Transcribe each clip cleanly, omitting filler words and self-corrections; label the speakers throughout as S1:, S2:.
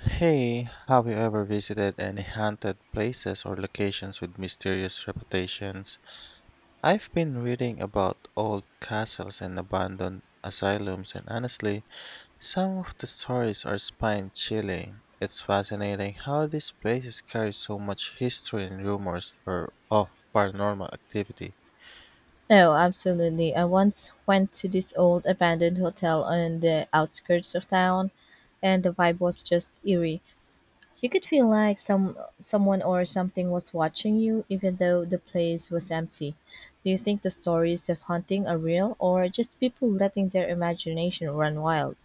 S1: Hey, have you ever visited any haunted places or locations with mysterious reputations? I've been reading about old castles and abandoned asylums, and honestly, some of the stories are spine chilling. It's fascinating how these places carry so much history and rumors or of paranormal activity.
S2: No, absolutely. I once went to this old abandoned hotel on the outskirts of town, and the vibe was just eerie. You could feel like someone or something was watching you, even though the place was empty. Do you think the stories of haunting are real, or just people letting their imagination run wild?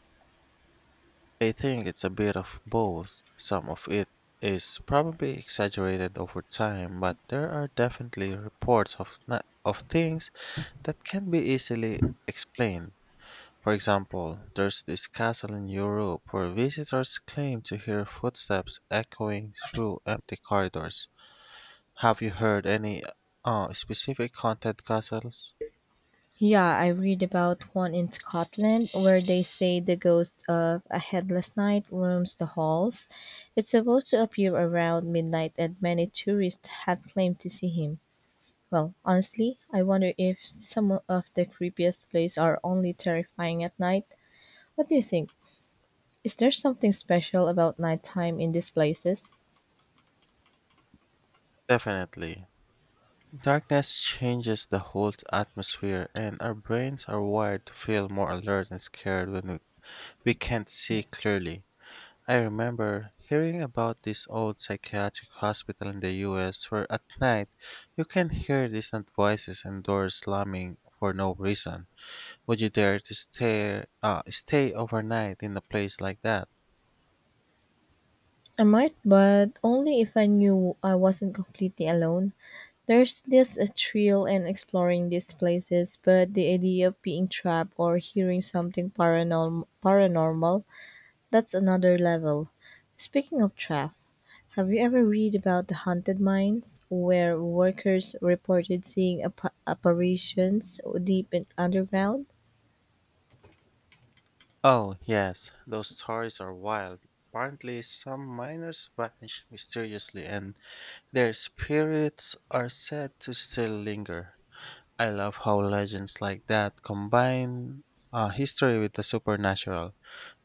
S1: I think it's a bit of both. Some of it is probably exaggerated over time, but there are definitely reports of of things that can be easily explained. For example, there's this castle in Europe where visitors claim to hear footsteps echoing through empty corridors. Have you heard any specific haunted castles?
S2: Yeah, I read about one in Scotland where they say the ghost of a headless knight roams the halls. It's supposed to appear around midnight, and many tourists have claimed to see him. Well, honestly, I wonder if some of the creepiest places are only terrifying at night. What do you think? Is there something special about nighttime in these places?
S1: Definitely. Darkness changes the whole atmosphere, and our brains are wired to feel more alert and scared when we can't see clearly. I remember hearing about this old psychiatric hospital in the US where at night you can hear distant voices and doors slamming for no reason. Would you dare to stay overnight in a place like that?
S2: I might, but only if I knew I wasn't completely alone. There's just a thrill in exploring these places, but the idea of being trapped or hearing something paranormal, that's another level. Speaking of trapped, have you ever read about the haunted mines where workers reported seeing apparitions deep in underground?
S1: Oh, yes, those stories are wild. Apparently, some miners vanished mysteriously and their spirits are said to still linger. I love how legends like that combine history with the supernatural.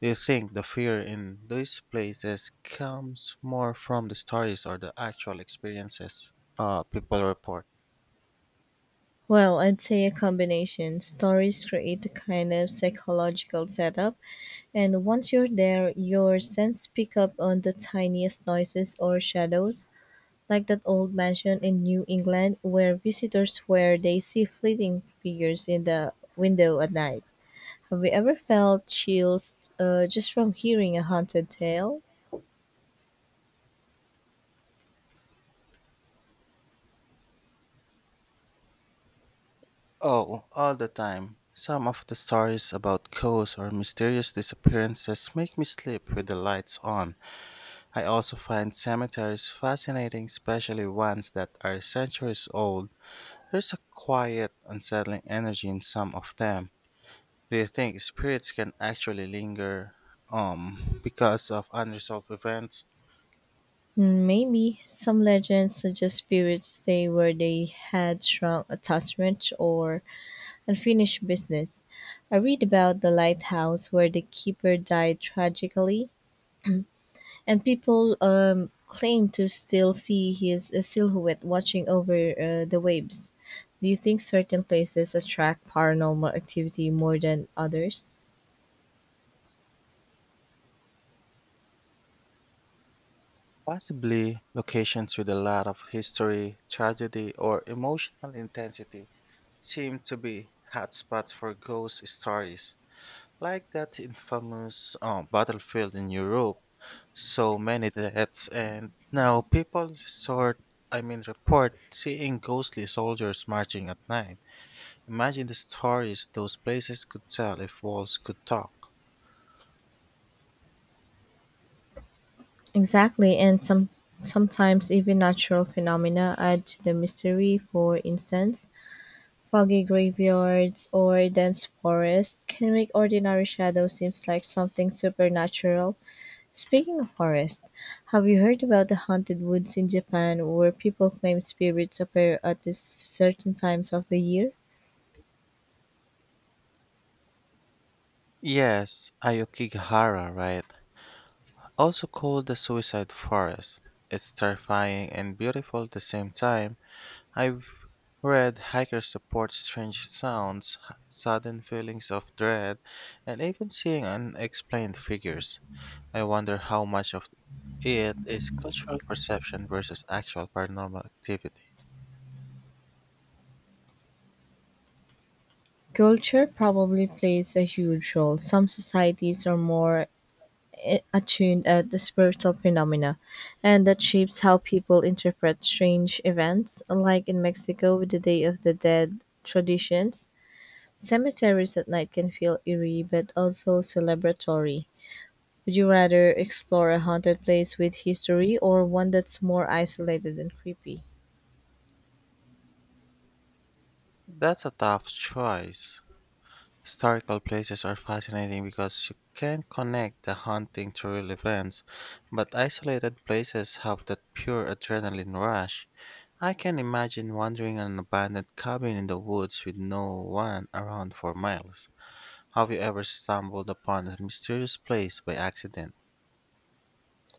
S1: Do you think the fear in these places comes more from the stories or the actual experiences people report?
S2: Well, I'd say a combination. Stories create a kind of psychological setup, and once you're there, your sense pick up on the tiniest noises or shadows. Like that old mansion in New England where visitors swear they see fleeting figures in the window at night. Have you ever felt chills just from hearing a haunted tale?
S1: Oh, all the time. Some of the stories about ghosts or mysterious disappearances make me sleep with the lights on. I also find cemeteries fascinating, especially ones that are centuries old. There's a quiet, unsettling energy in some of them. Do you think spirits can actually linger because of unresolved events?
S2: Hmm, maybe some legends suggest spirits stay where they had strong attachments or unfinished business. I read about the lighthouse where the keeper died tragically, and people claim to still see his silhouette watching over the waves. Do you think certain places attract paranormal activity more than others?
S1: Possibly locations with a lot of history, tragedy, or emotional intensity seem to be hotspots for ghost stories. Like that infamous battlefield in Europe, so many deaths, and now people report seeing ghostly soldiers marching at night. Imagine the stories those places could tell if walls could talk.
S2: Exactly, and sometimes even natural phenomena add to the mystery. For instance, foggy graveyards or dense forests can make ordinary shadows seem like something supernatural. Speaking of forest, have you heard about the haunted woods in Japan where people claim spirits appear at this certain times of the year?
S1: Yes, Ayokigahara, right? Also called the Suicide Forest. It's terrifying and beautiful at the same time. I've read hikers report strange sounds, sudden feelings of dread, and even seeing unexplained figures. I wonder how much of it is cultural perception versus actual paranormal activity.
S2: Culture probably plays a huge role. Some societies are more attuned at the spiritual phenomena, and that shapes how people interpret strange events, like in Mexico with the Day of the Dead traditions. Cemeteries at night can feel eerie but also celebratory. Would you rather explore a haunted place with history or one that's more isolated and creepy?
S1: That's a tough choice. Historical places are fascinating because you can connect the haunting to real events, but isolated places have that pure adrenaline rush. I can imagine wandering in an abandoned cabin in the woods with no one around for miles. Have you ever stumbled upon a mysterious place by accident?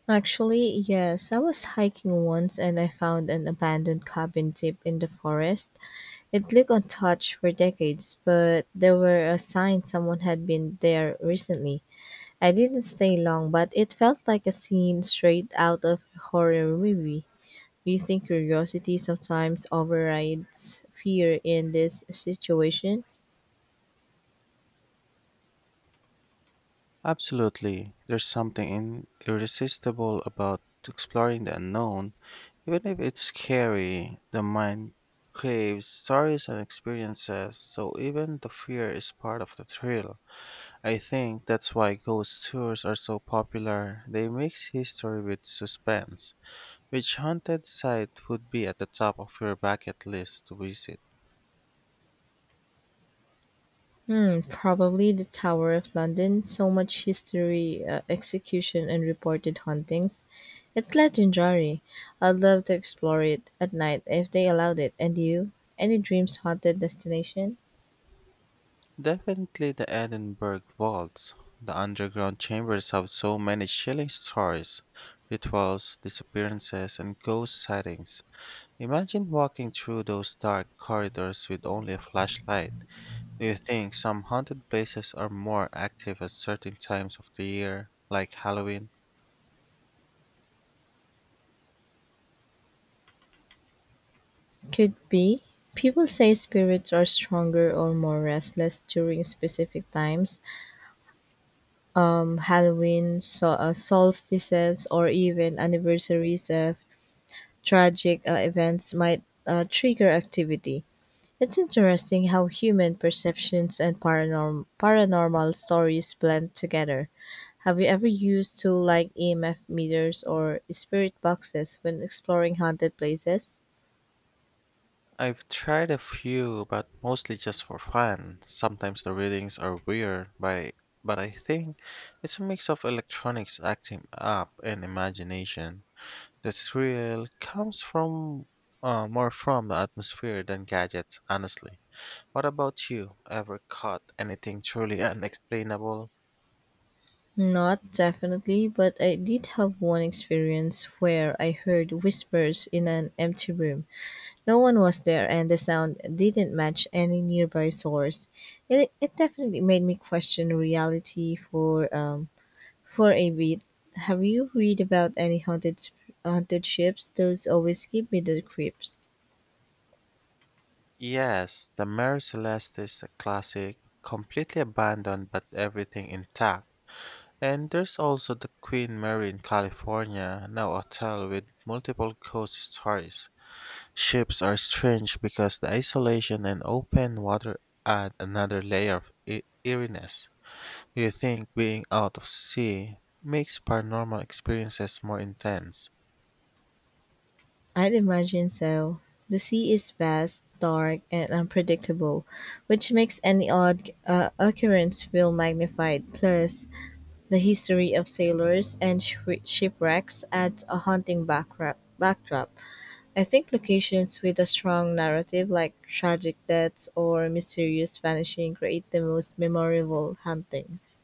S2: Actually, yes. I was hiking once and I found an abandoned cabin deep in the forest. It looked untouched for decades, but there were a sign someone had been there recently. I didn't stay long, but it felt like a scene straight out of a horror movie. Do you think curiosity sometimes overrides fear in this situation?
S1: Absolutely. There's something irresistible about exploring the unknown. Even if it's scary, the mind craves stories and experiences, so even the fear is part of the thrill. I think that's why ghost tours are so popular. They mix history with suspense. Which haunted site would be at the top of your bucket list to visit?
S2: Hmm, probably the Tower of London. So much history, execution, and reported hauntings. It's legendary. I'd love to explore it at night if they allowed it. And you? Any dreams haunted destination?
S1: Definitely the Edinburgh vaults. The underground chambers have so many chilling stories, rituals, disappearances, and ghost sightings. Imagine walking through those dark corridors with only a flashlight. Do you think some haunted places are more active at certain times of the year, like Halloween?
S2: Could be. People say spirits are stronger or more restless during specific times, Halloween, so, solstices, or even anniversaries of tragic events might trigger activity. It's interesting how human perceptions and paranormal stories blend together. Have you ever used tools like EMF meters or spirit boxes when exploring haunted places?
S1: I've tried a few, but mostly just for fun. Sometimes the readings are weird, but I think it's a mix of electronics acting up and imagination. The thrill comes from more from the atmosphere than gadgets, honestly. What about you? Ever caught anything truly unexplainable?
S2: Not definitely, but I did have one experience where I heard whispers in an empty room. No one was there, and the sound didn't match any nearby source. It definitely made me question reality for for a bit. Have you read about any haunted ships? Those always give me the creeps.
S1: Yes, the Mary Celeste is a classic, completely abandoned but everything intact. And there's also the Queen Mary in California, now a hotel with multiple ghost stories. Ships are strange because the isolation and open water add another layer of eeriness. Do you think being out of sea makes paranormal experiences more intense?
S2: I'd imagine so. The sea is vast, dark, and unpredictable, which makes any odd occurrence feel magnified. Plus, the history of sailors and shipwrecks adds a haunting backdrop. I think locations with a strong narrative, like tragic deaths or mysterious vanishing, create the most memorable hauntings.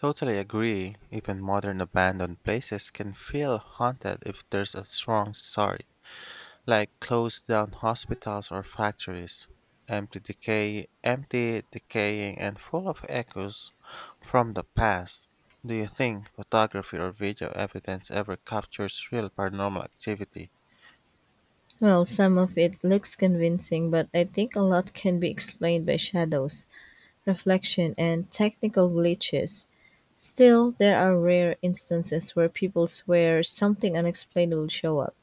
S1: Totally agree. Even modern abandoned places can feel haunted if there's a strong story, like close down hospitals or factories, empty, decaying, and full of echoes from the past. Do you think photography or video evidence ever captures real paranormal activity?
S2: Well, some of it looks convincing, but I think a lot can be explained by shadows, reflection, and technical glitches. Still, there are rare instances where people swear something unexplained will show up.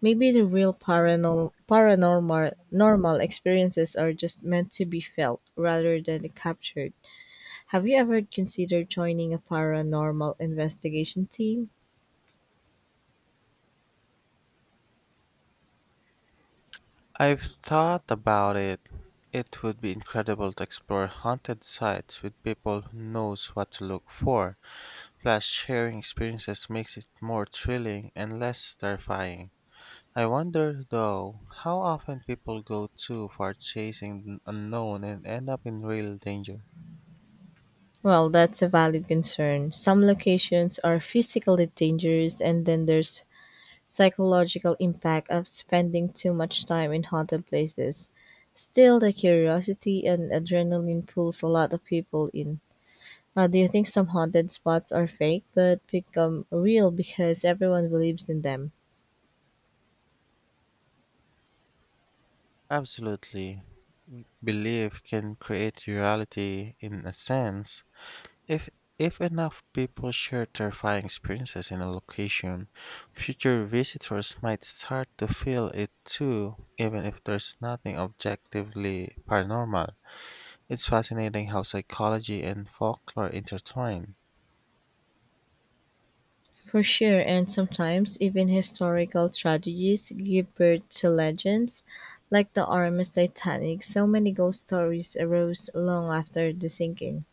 S2: Maybe the real paranor- paranormal normal experiences are just meant to be felt rather than captured. Have you ever considered joining a paranormal investigation team?
S1: I've thought about it. It would be incredible to explore haunted sites with people who knows what to look for. Plus, sharing experiences makes it more thrilling and less terrifying. I wonder, though, how often people go too far chasing the unknown and end up in real danger.
S2: Well, that's a valid concern. Some locations are physically dangerous, and then there's psychological impact of spending too much time in haunted places. Still, the curiosity and adrenaline pulls a lot of people in. Do you think some haunted spots are fake but become real because everyone believes in them?
S1: Absolutely. Belief can create reality in a sense. If if enough people share terrifying experiences in a location, future visitors might start to feel it too, even if there's nothing objectively paranormal. It's fascinating how psychology and folklore intertwine.
S2: For sure, and sometimes even historical tragedies give birth to legends, like the Artemis Titanic. So many ghost stories arose long after the sinking.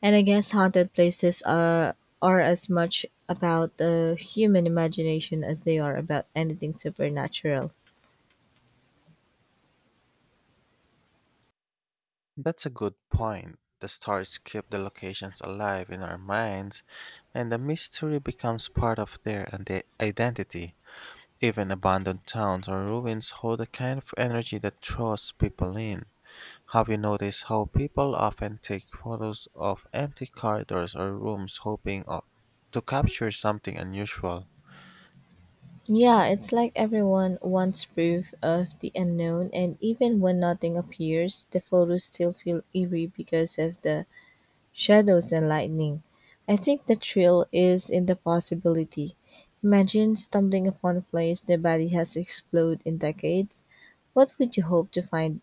S2: And I guess haunted places are as much about the human imagination as they are about anything supernatural.
S1: That's a good point. The stories keep the locations alive in our minds, and the mystery becomes part of their identity. Even abandoned towns or ruins hold a kind of energy that draws people in. Have you noticed how people often take photos of empty corridors or rooms hoping to capture something unusual?
S2: Yeah, it's like everyone wants proof of the unknown, and even when nothing appears, the photos still feel eerie because of the shadows and lightning. I think the thrill is in the possibility. Imagine stumbling upon a place the body has exploded in decades. What would you hope to find?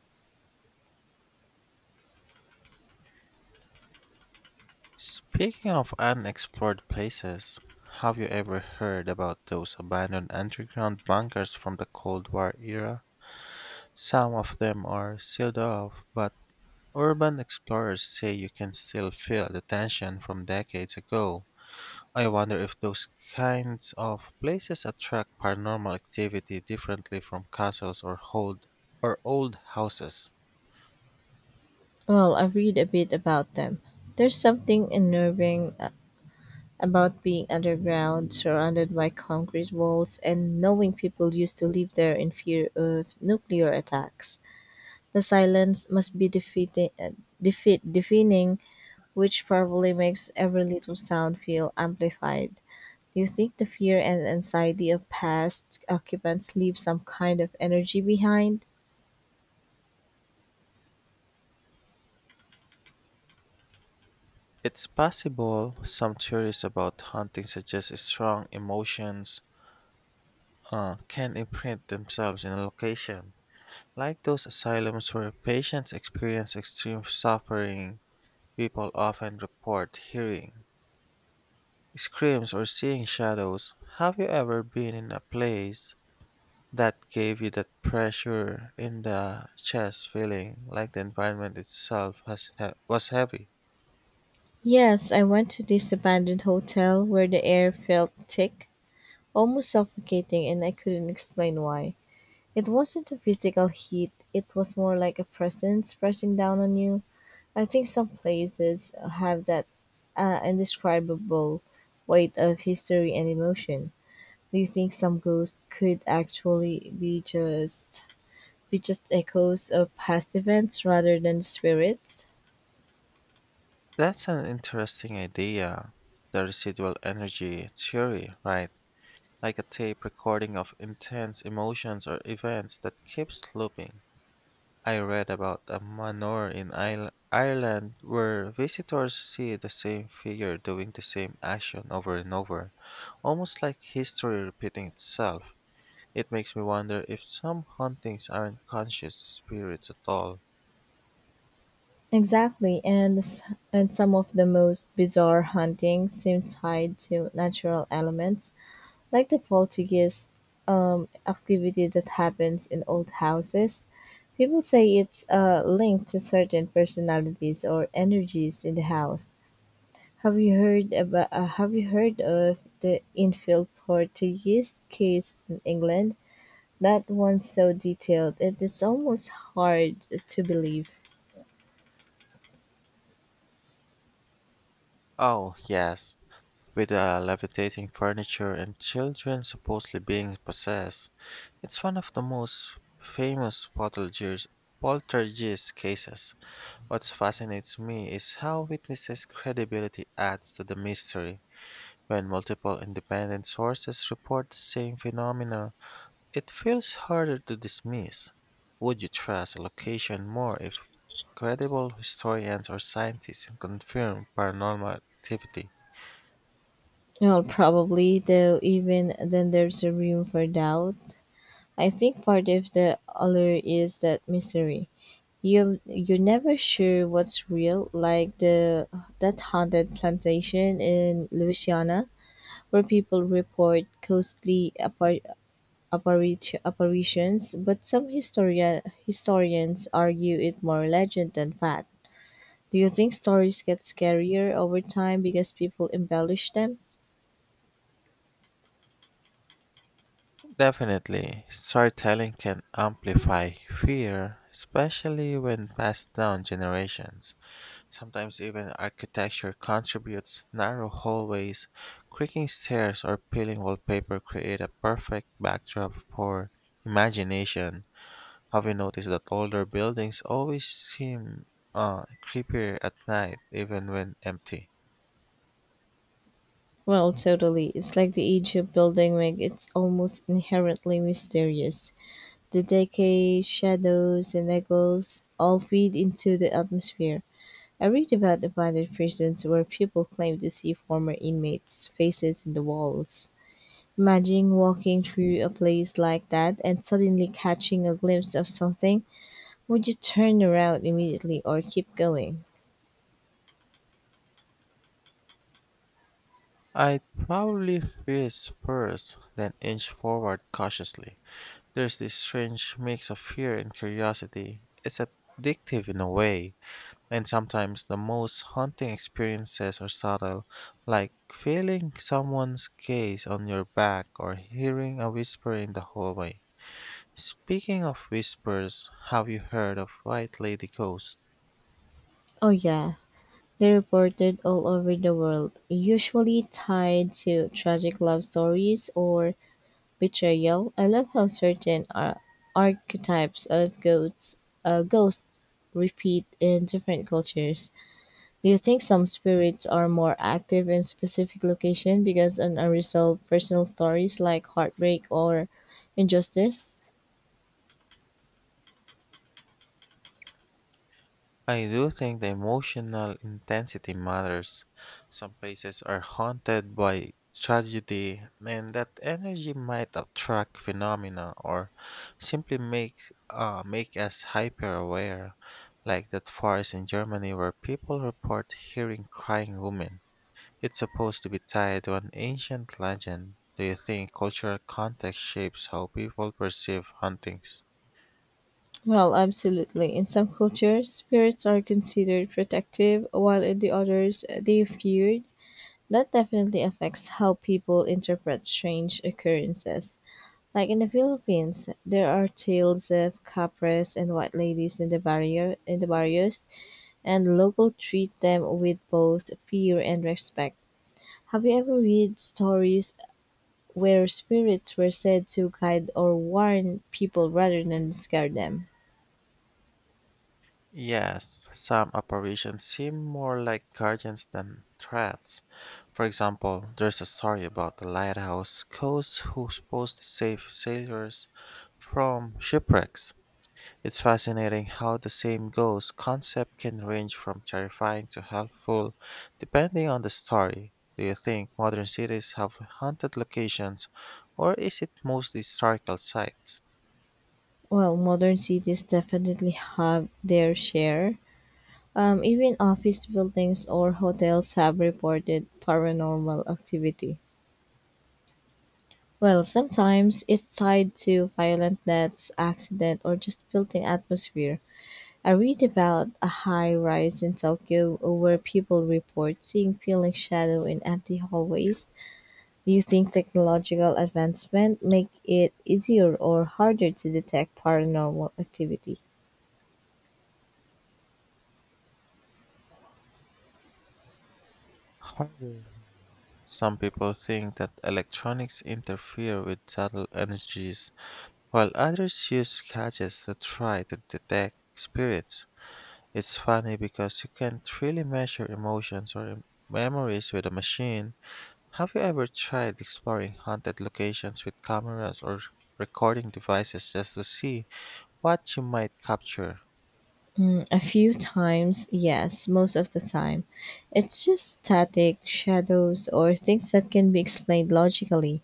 S1: Speaking of unexplored places, have you ever heard about those abandoned underground bunkers from the Cold War era? Some of them are sealed off, but urban explorers say you can still feel the tension from decades ago. I wonder if those kinds of places attract paranormal activity differently from castles or old houses.
S2: Well, I read a bit about them. There's something unnerving about being underground, surrounded by concrete walls, and knowing people used to live there in fear of nuclear attacks. The silence must be deafening, which probably makes every little sound feel amplified. Do you think the fear and anxiety of past occupants leave some kind of energy behind?
S1: It's possible some theories about haunting suggest strong emotions can imprint themselves in a location, like those asylums where patients experience extreme suffering. People often report hearing screams or seeing shadows. Have you ever been in a place that gave you that pressure in the chest feeling like the environment itself was heavy?
S2: Yes, I went to this abandoned hotel where the air felt thick, almost suffocating, and I couldn't explain why. It wasn't a physical heat, it was more like a presence pressing down on you. I think some places have that indescribable weight of history and emotion. Do you think some ghosts could actually be just echoes of past events rather than spirits?
S1: That's an interesting idea. The residual energy theory, right? Like a tape recording of intense emotions or events that keeps looping. I read about a manor in Ireland where visitors see the same figure doing the same action over and over, almost like history repeating itself. It makes me wonder if some hauntings aren't conscious spirits at all.
S2: Exactly, and some of the most bizarre hauntings seem tied to natural elements, like the poltergeist activity that happens in old houses. People say it's linked to certain personalities or energies in the house. Have you heard about? Have you heard of the infield Portuguese case in England? That one's so detailed it is almost hard to believe.
S1: Oh, yes, with the levitating furniture and children supposedly being possessed. It's one of the most famous poltergeist cases. What fascinates me is how witnesses' credibility adds to the mystery. When multiple independent sources report the same phenomena, it feels harder to dismiss. Would you trust a location more if credible historians or scientists confirm paranormal activity?
S2: Well, probably, though, even then there's a room for doubt. I think part of the allure is that mystery. You're never sure what's real, like the that haunted plantation in Louisiana where people report ghostly apparitions, but some historians argue it more legend than fact. Do you think stories get scarier over time because people embellish them?
S1: Definitely, storytelling can amplify fear, especially when passed down generations. Sometimes even architecture contributes. Narrow hallways, creaking stairs, or peeling wallpaper create a perfect backdrop for imagination. Have you noticed that older buildings always seem creepier at night, even when empty?
S2: Well, totally. It's like the age of building make it almost inherently mysterious. The decay, shadows, and echoes all feed into the atmosphere. I read about abandoned prisons where people claim to see former inmates' faces in the walls. Imagine walking through a place like that and suddenly catching a glimpse of something. Would you turn around immediately or keep going?
S1: I'd probably freeze first, then inch forward cautiously. There's this strange mix of fear and curiosity. It's addictive in a way. And sometimes the most haunting experiences are subtle, like feeling someone's gaze on your back or hearing a whisper in the hallway. Speaking of whispers, have you heard of White Lady Ghost?
S2: Oh, yeah. They reported all over the world, usually tied to tragic love stories or betrayal. I love how certain archetypes of ghosts repeat in different cultures. Do you think some spirits are more active in specific location because of unresolved personal stories like heartbreak or injustice?
S1: I do think the emotional intensity matters. Some places are haunted by tragedy, and that energy might attract phenomena or simply make us hyper aware, like that forest in Germany where people report hearing crying women. It's supposed to be tied to an ancient legend. Do you think cultural context shapes how people perceive hauntings?
S2: Well, absolutely. In some cultures, spirits are considered protective, while in the others, they feared. That definitely affects how people interpret strange occurrences. Like in the Philippines, there are tales of Capres and white ladies in the barrios, and local treat them with both fear and respect. Have you ever read stories where spirits were said to guide or warn people rather than scare them?
S1: Yes, some apparitions seem more like guardians than threats. For example, there's a story about the lighthouse ghost who's supposed to save sailors from shipwrecks. It's fascinating how the same ghost concept can range from terrifying to helpful, depending on the story. Do you think modern cities have haunted locations, or is it mostly historical sites?
S2: Well, modern cities definitely have their share. Even office buildings or hotels have reported paranormal activity. Well, sometimes it's tied to violent deaths, accident, or just built-in atmosphere. I read about a high rise in Tokyo where people report seeing peeling shadow in empty hallways. Do you think technological advancement make it easier or harder to detect paranormal activity?
S1: Harder. Some people think that electronics interfere with subtle energies, while others use gadgets to try to detect spirits. It's funny because you can't really measure emotions or memories with a machine. Have you ever tried exploring haunted locations with cameras or recording devices just to see what you might capture?
S2: Mm, a few times, yes, most of the time. It's just static, shadows, or things that can be explained logically.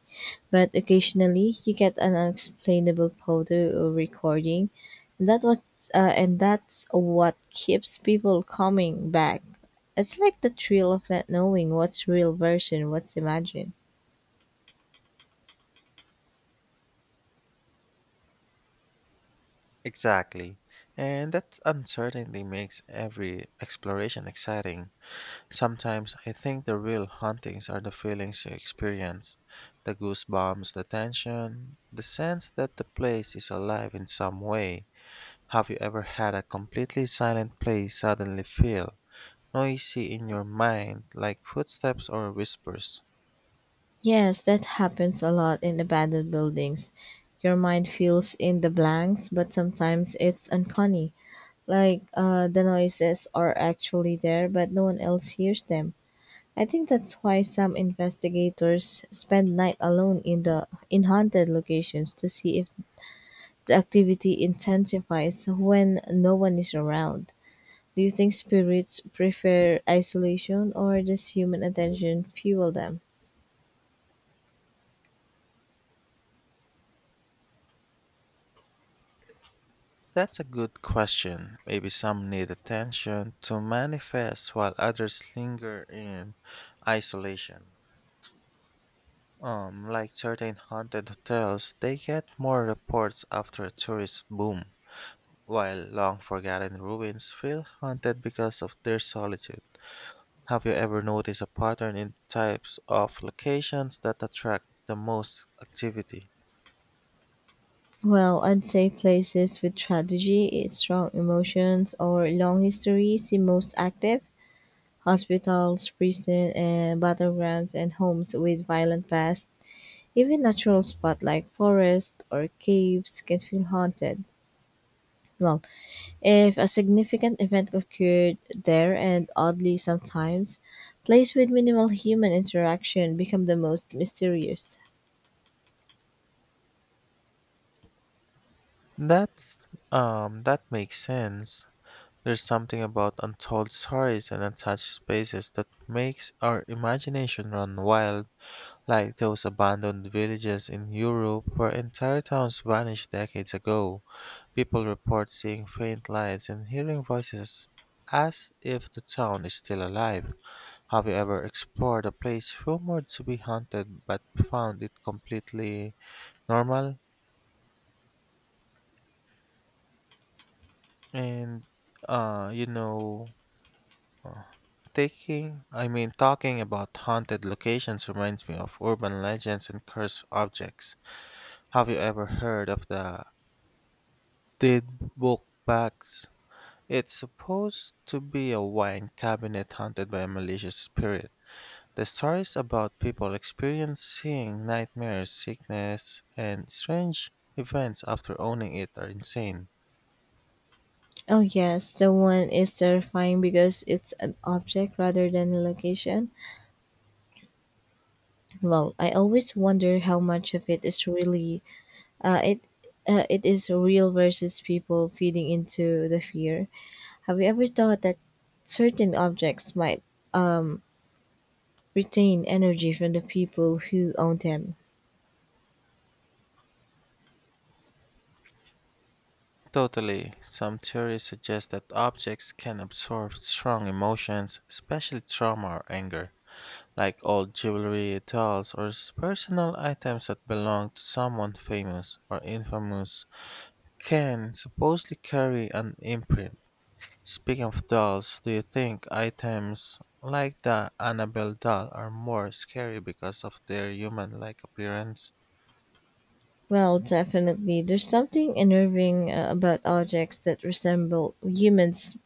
S2: But occasionally, you get an unexplainable photo or recording, and that what and that's what keeps people coming back. It's like the thrill of not knowing what's real version, what's imagined.
S1: Exactly. And that uncertainty makes every exploration exciting. Sometimes I think the real hauntings are the feelings you experience, the goosebumps, the tension, the sense that the place is alive in some way. Have you ever had a completely silent place suddenly feel noisy in your mind, like footsteps or whispers?
S2: Yes, that happens a lot in abandoned buildings. Your mind fills in the blanks, but sometimes it's uncanny. The noises are actually there, but no one else hears them. I think that's why some investigators spend night alone in haunted locations to see if the activity intensifies when no one is around. Do you think spirits prefer isolation or does human attention fuel them?
S1: That's a good question. Maybe some need attention to manifest while others linger in isolation. Like certain haunted hotels, they get more reports after a tourist boom, while long forgotten ruins feel haunted because of their solitude. Have you ever noticed a pattern in types of locations that attract the most activity?
S2: Well, I'd say places with tragedy, strong emotions, or long history seem most active. Hospitals, prisons, and battlegrounds and homes with violent past. Even natural spots like forests or caves can feel haunted. Well, if a significant event occurred there and oddly sometimes, places with minimal human interaction become the most mysterious.
S1: That's that makes sense. There's something about untold stories and untouched spaces that makes our imagination run wild, like those abandoned villages in Europe where entire towns vanished decades ago. People report seeing faint lights and hearing voices as if the town is still alive. Have you ever explored a place rumored to be haunted but found it completely normal? And, you know, uh, taking, I mean, Talking about haunted locations reminds me of urban legends and cursed objects. Have you ever heard of the did book bags? It's supposed to be a wine cabinet haunted by a malicious spirit. The stories about people experiencing nightmares, sickness, and strange events after owning it are insane.
S2: Oh yes, the one is terrifying because it's an object rather than a location. Well, I always wonder how much of it is really. Uh, it it is real versus people feeding into the fear. Have you ever thought that certain objects might um, retain energy from the people who own them?
S1: Totally. Some theories suggest that objects can absorb strong emotions, especially trauma or anger, like old jewelry, dolls, or personal items that belong to someone famous or infamous can supposedly carry an imprint. Speaking of dolls, do you think items like the Annabelle doll are more scary because of their human like appearance?
S2: Well, definitely. There's something unnerving about objects that resemble humans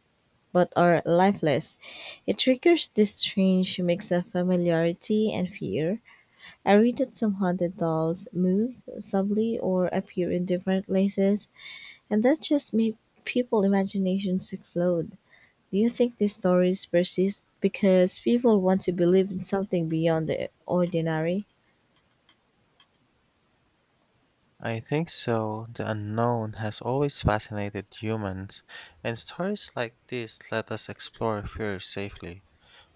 S2: but are lifeless. It triggers this strange mix of familiarity and fear. I read that some haunted dolls move subtly or appear in different places, and that just made people's imaginations explode. Do you think these stories persist because people want to believe in something beyond the ordinary?
S1: I think so. The unknown has always fascinated humans, and stories like this let us explore fear safely.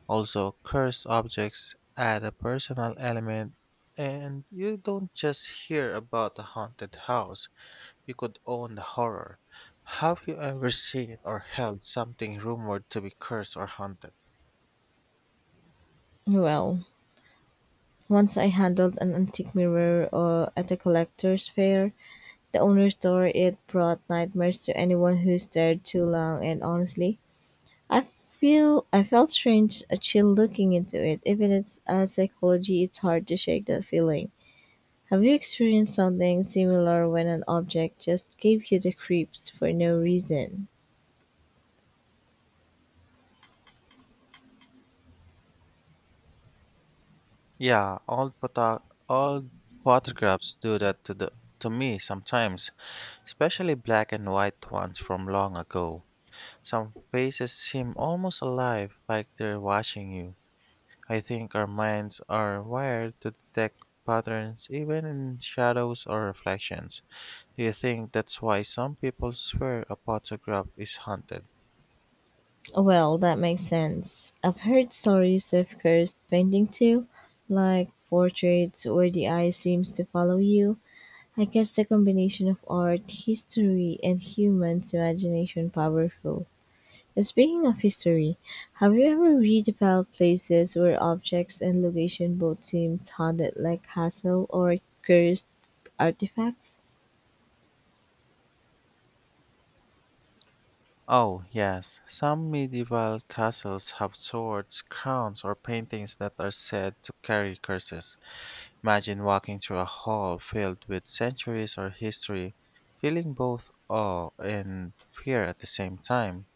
S1: Also, cursed objects add a personal element, and you don't just hear about a haunted house, you could own the horror. Have you ever seen or held something rumored to be cursed or haunted?
S2: Well, once I handled an antique mirror or at a collector's fair, the owner told it brought nightmares to anyone who stared too long and honestly, I I felt strange a chill looking into it. Even it's a psychology it's hard to shake that feeling. Have you experienced something similar when an object just gave you the creeps for no reason?
S1: Yeah, old photographs do that to the to me sometimes, especially black and white ones from long ago. Some faces seem almost alive, like they're watching you. I think our minds are wired to detect patterns even in shadows or reflections. Do you think that's why some people swear a photograph is haunted?
S2: Well, that makes sense. I've heard stories of cursed painting too, like portraits where the eye seems to follow you. I guess the combination of art, history, and humans' imagination powerful. Speaking of history, have you ever read about places where objects and location both seems haunted like castle or cursed artifacts?
S1: Oh, yes. Some medieval castles have swords, crowns, or paintings that are said to carry curses. Imagine walking through a hall filled with centuries or history, feeling both awe and fear at the same time.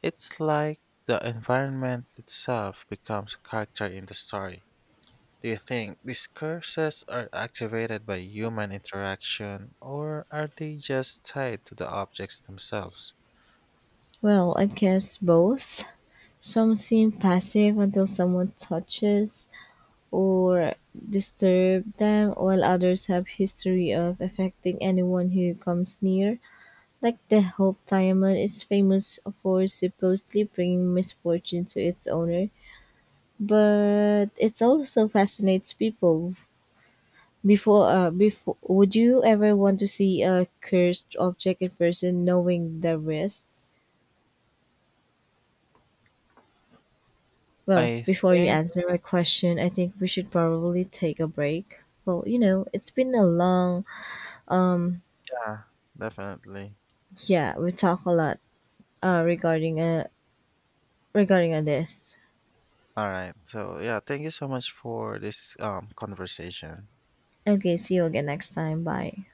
S1: It's like the environment itself becomes a character in the story. Do you think these curses are activated by human interaction, or are they just tied to the objects themselves?
S2: Well, I guess both. Some seem passive until someone touches or disturbs them, while others have history of affecting anyone who comes near. Like the Hope Diamond, it's famous for supposedly bringing misfortune to its owner, but it also fascinates people. Before, would you ever want to see a cursed object in person, knowing the risk? Well,
S1: I
S2: before you
S1: think.
S2: answer my question, I think we should probably take a break. Well, you know, it's been a long um
S1: Yeah, definitely.
S2: yeah, we talk a lot uh regarding uh regarding this.
S1: All right. So yeah, thank you so much for this conversation.
S2: Okay, see you again next time. Bye.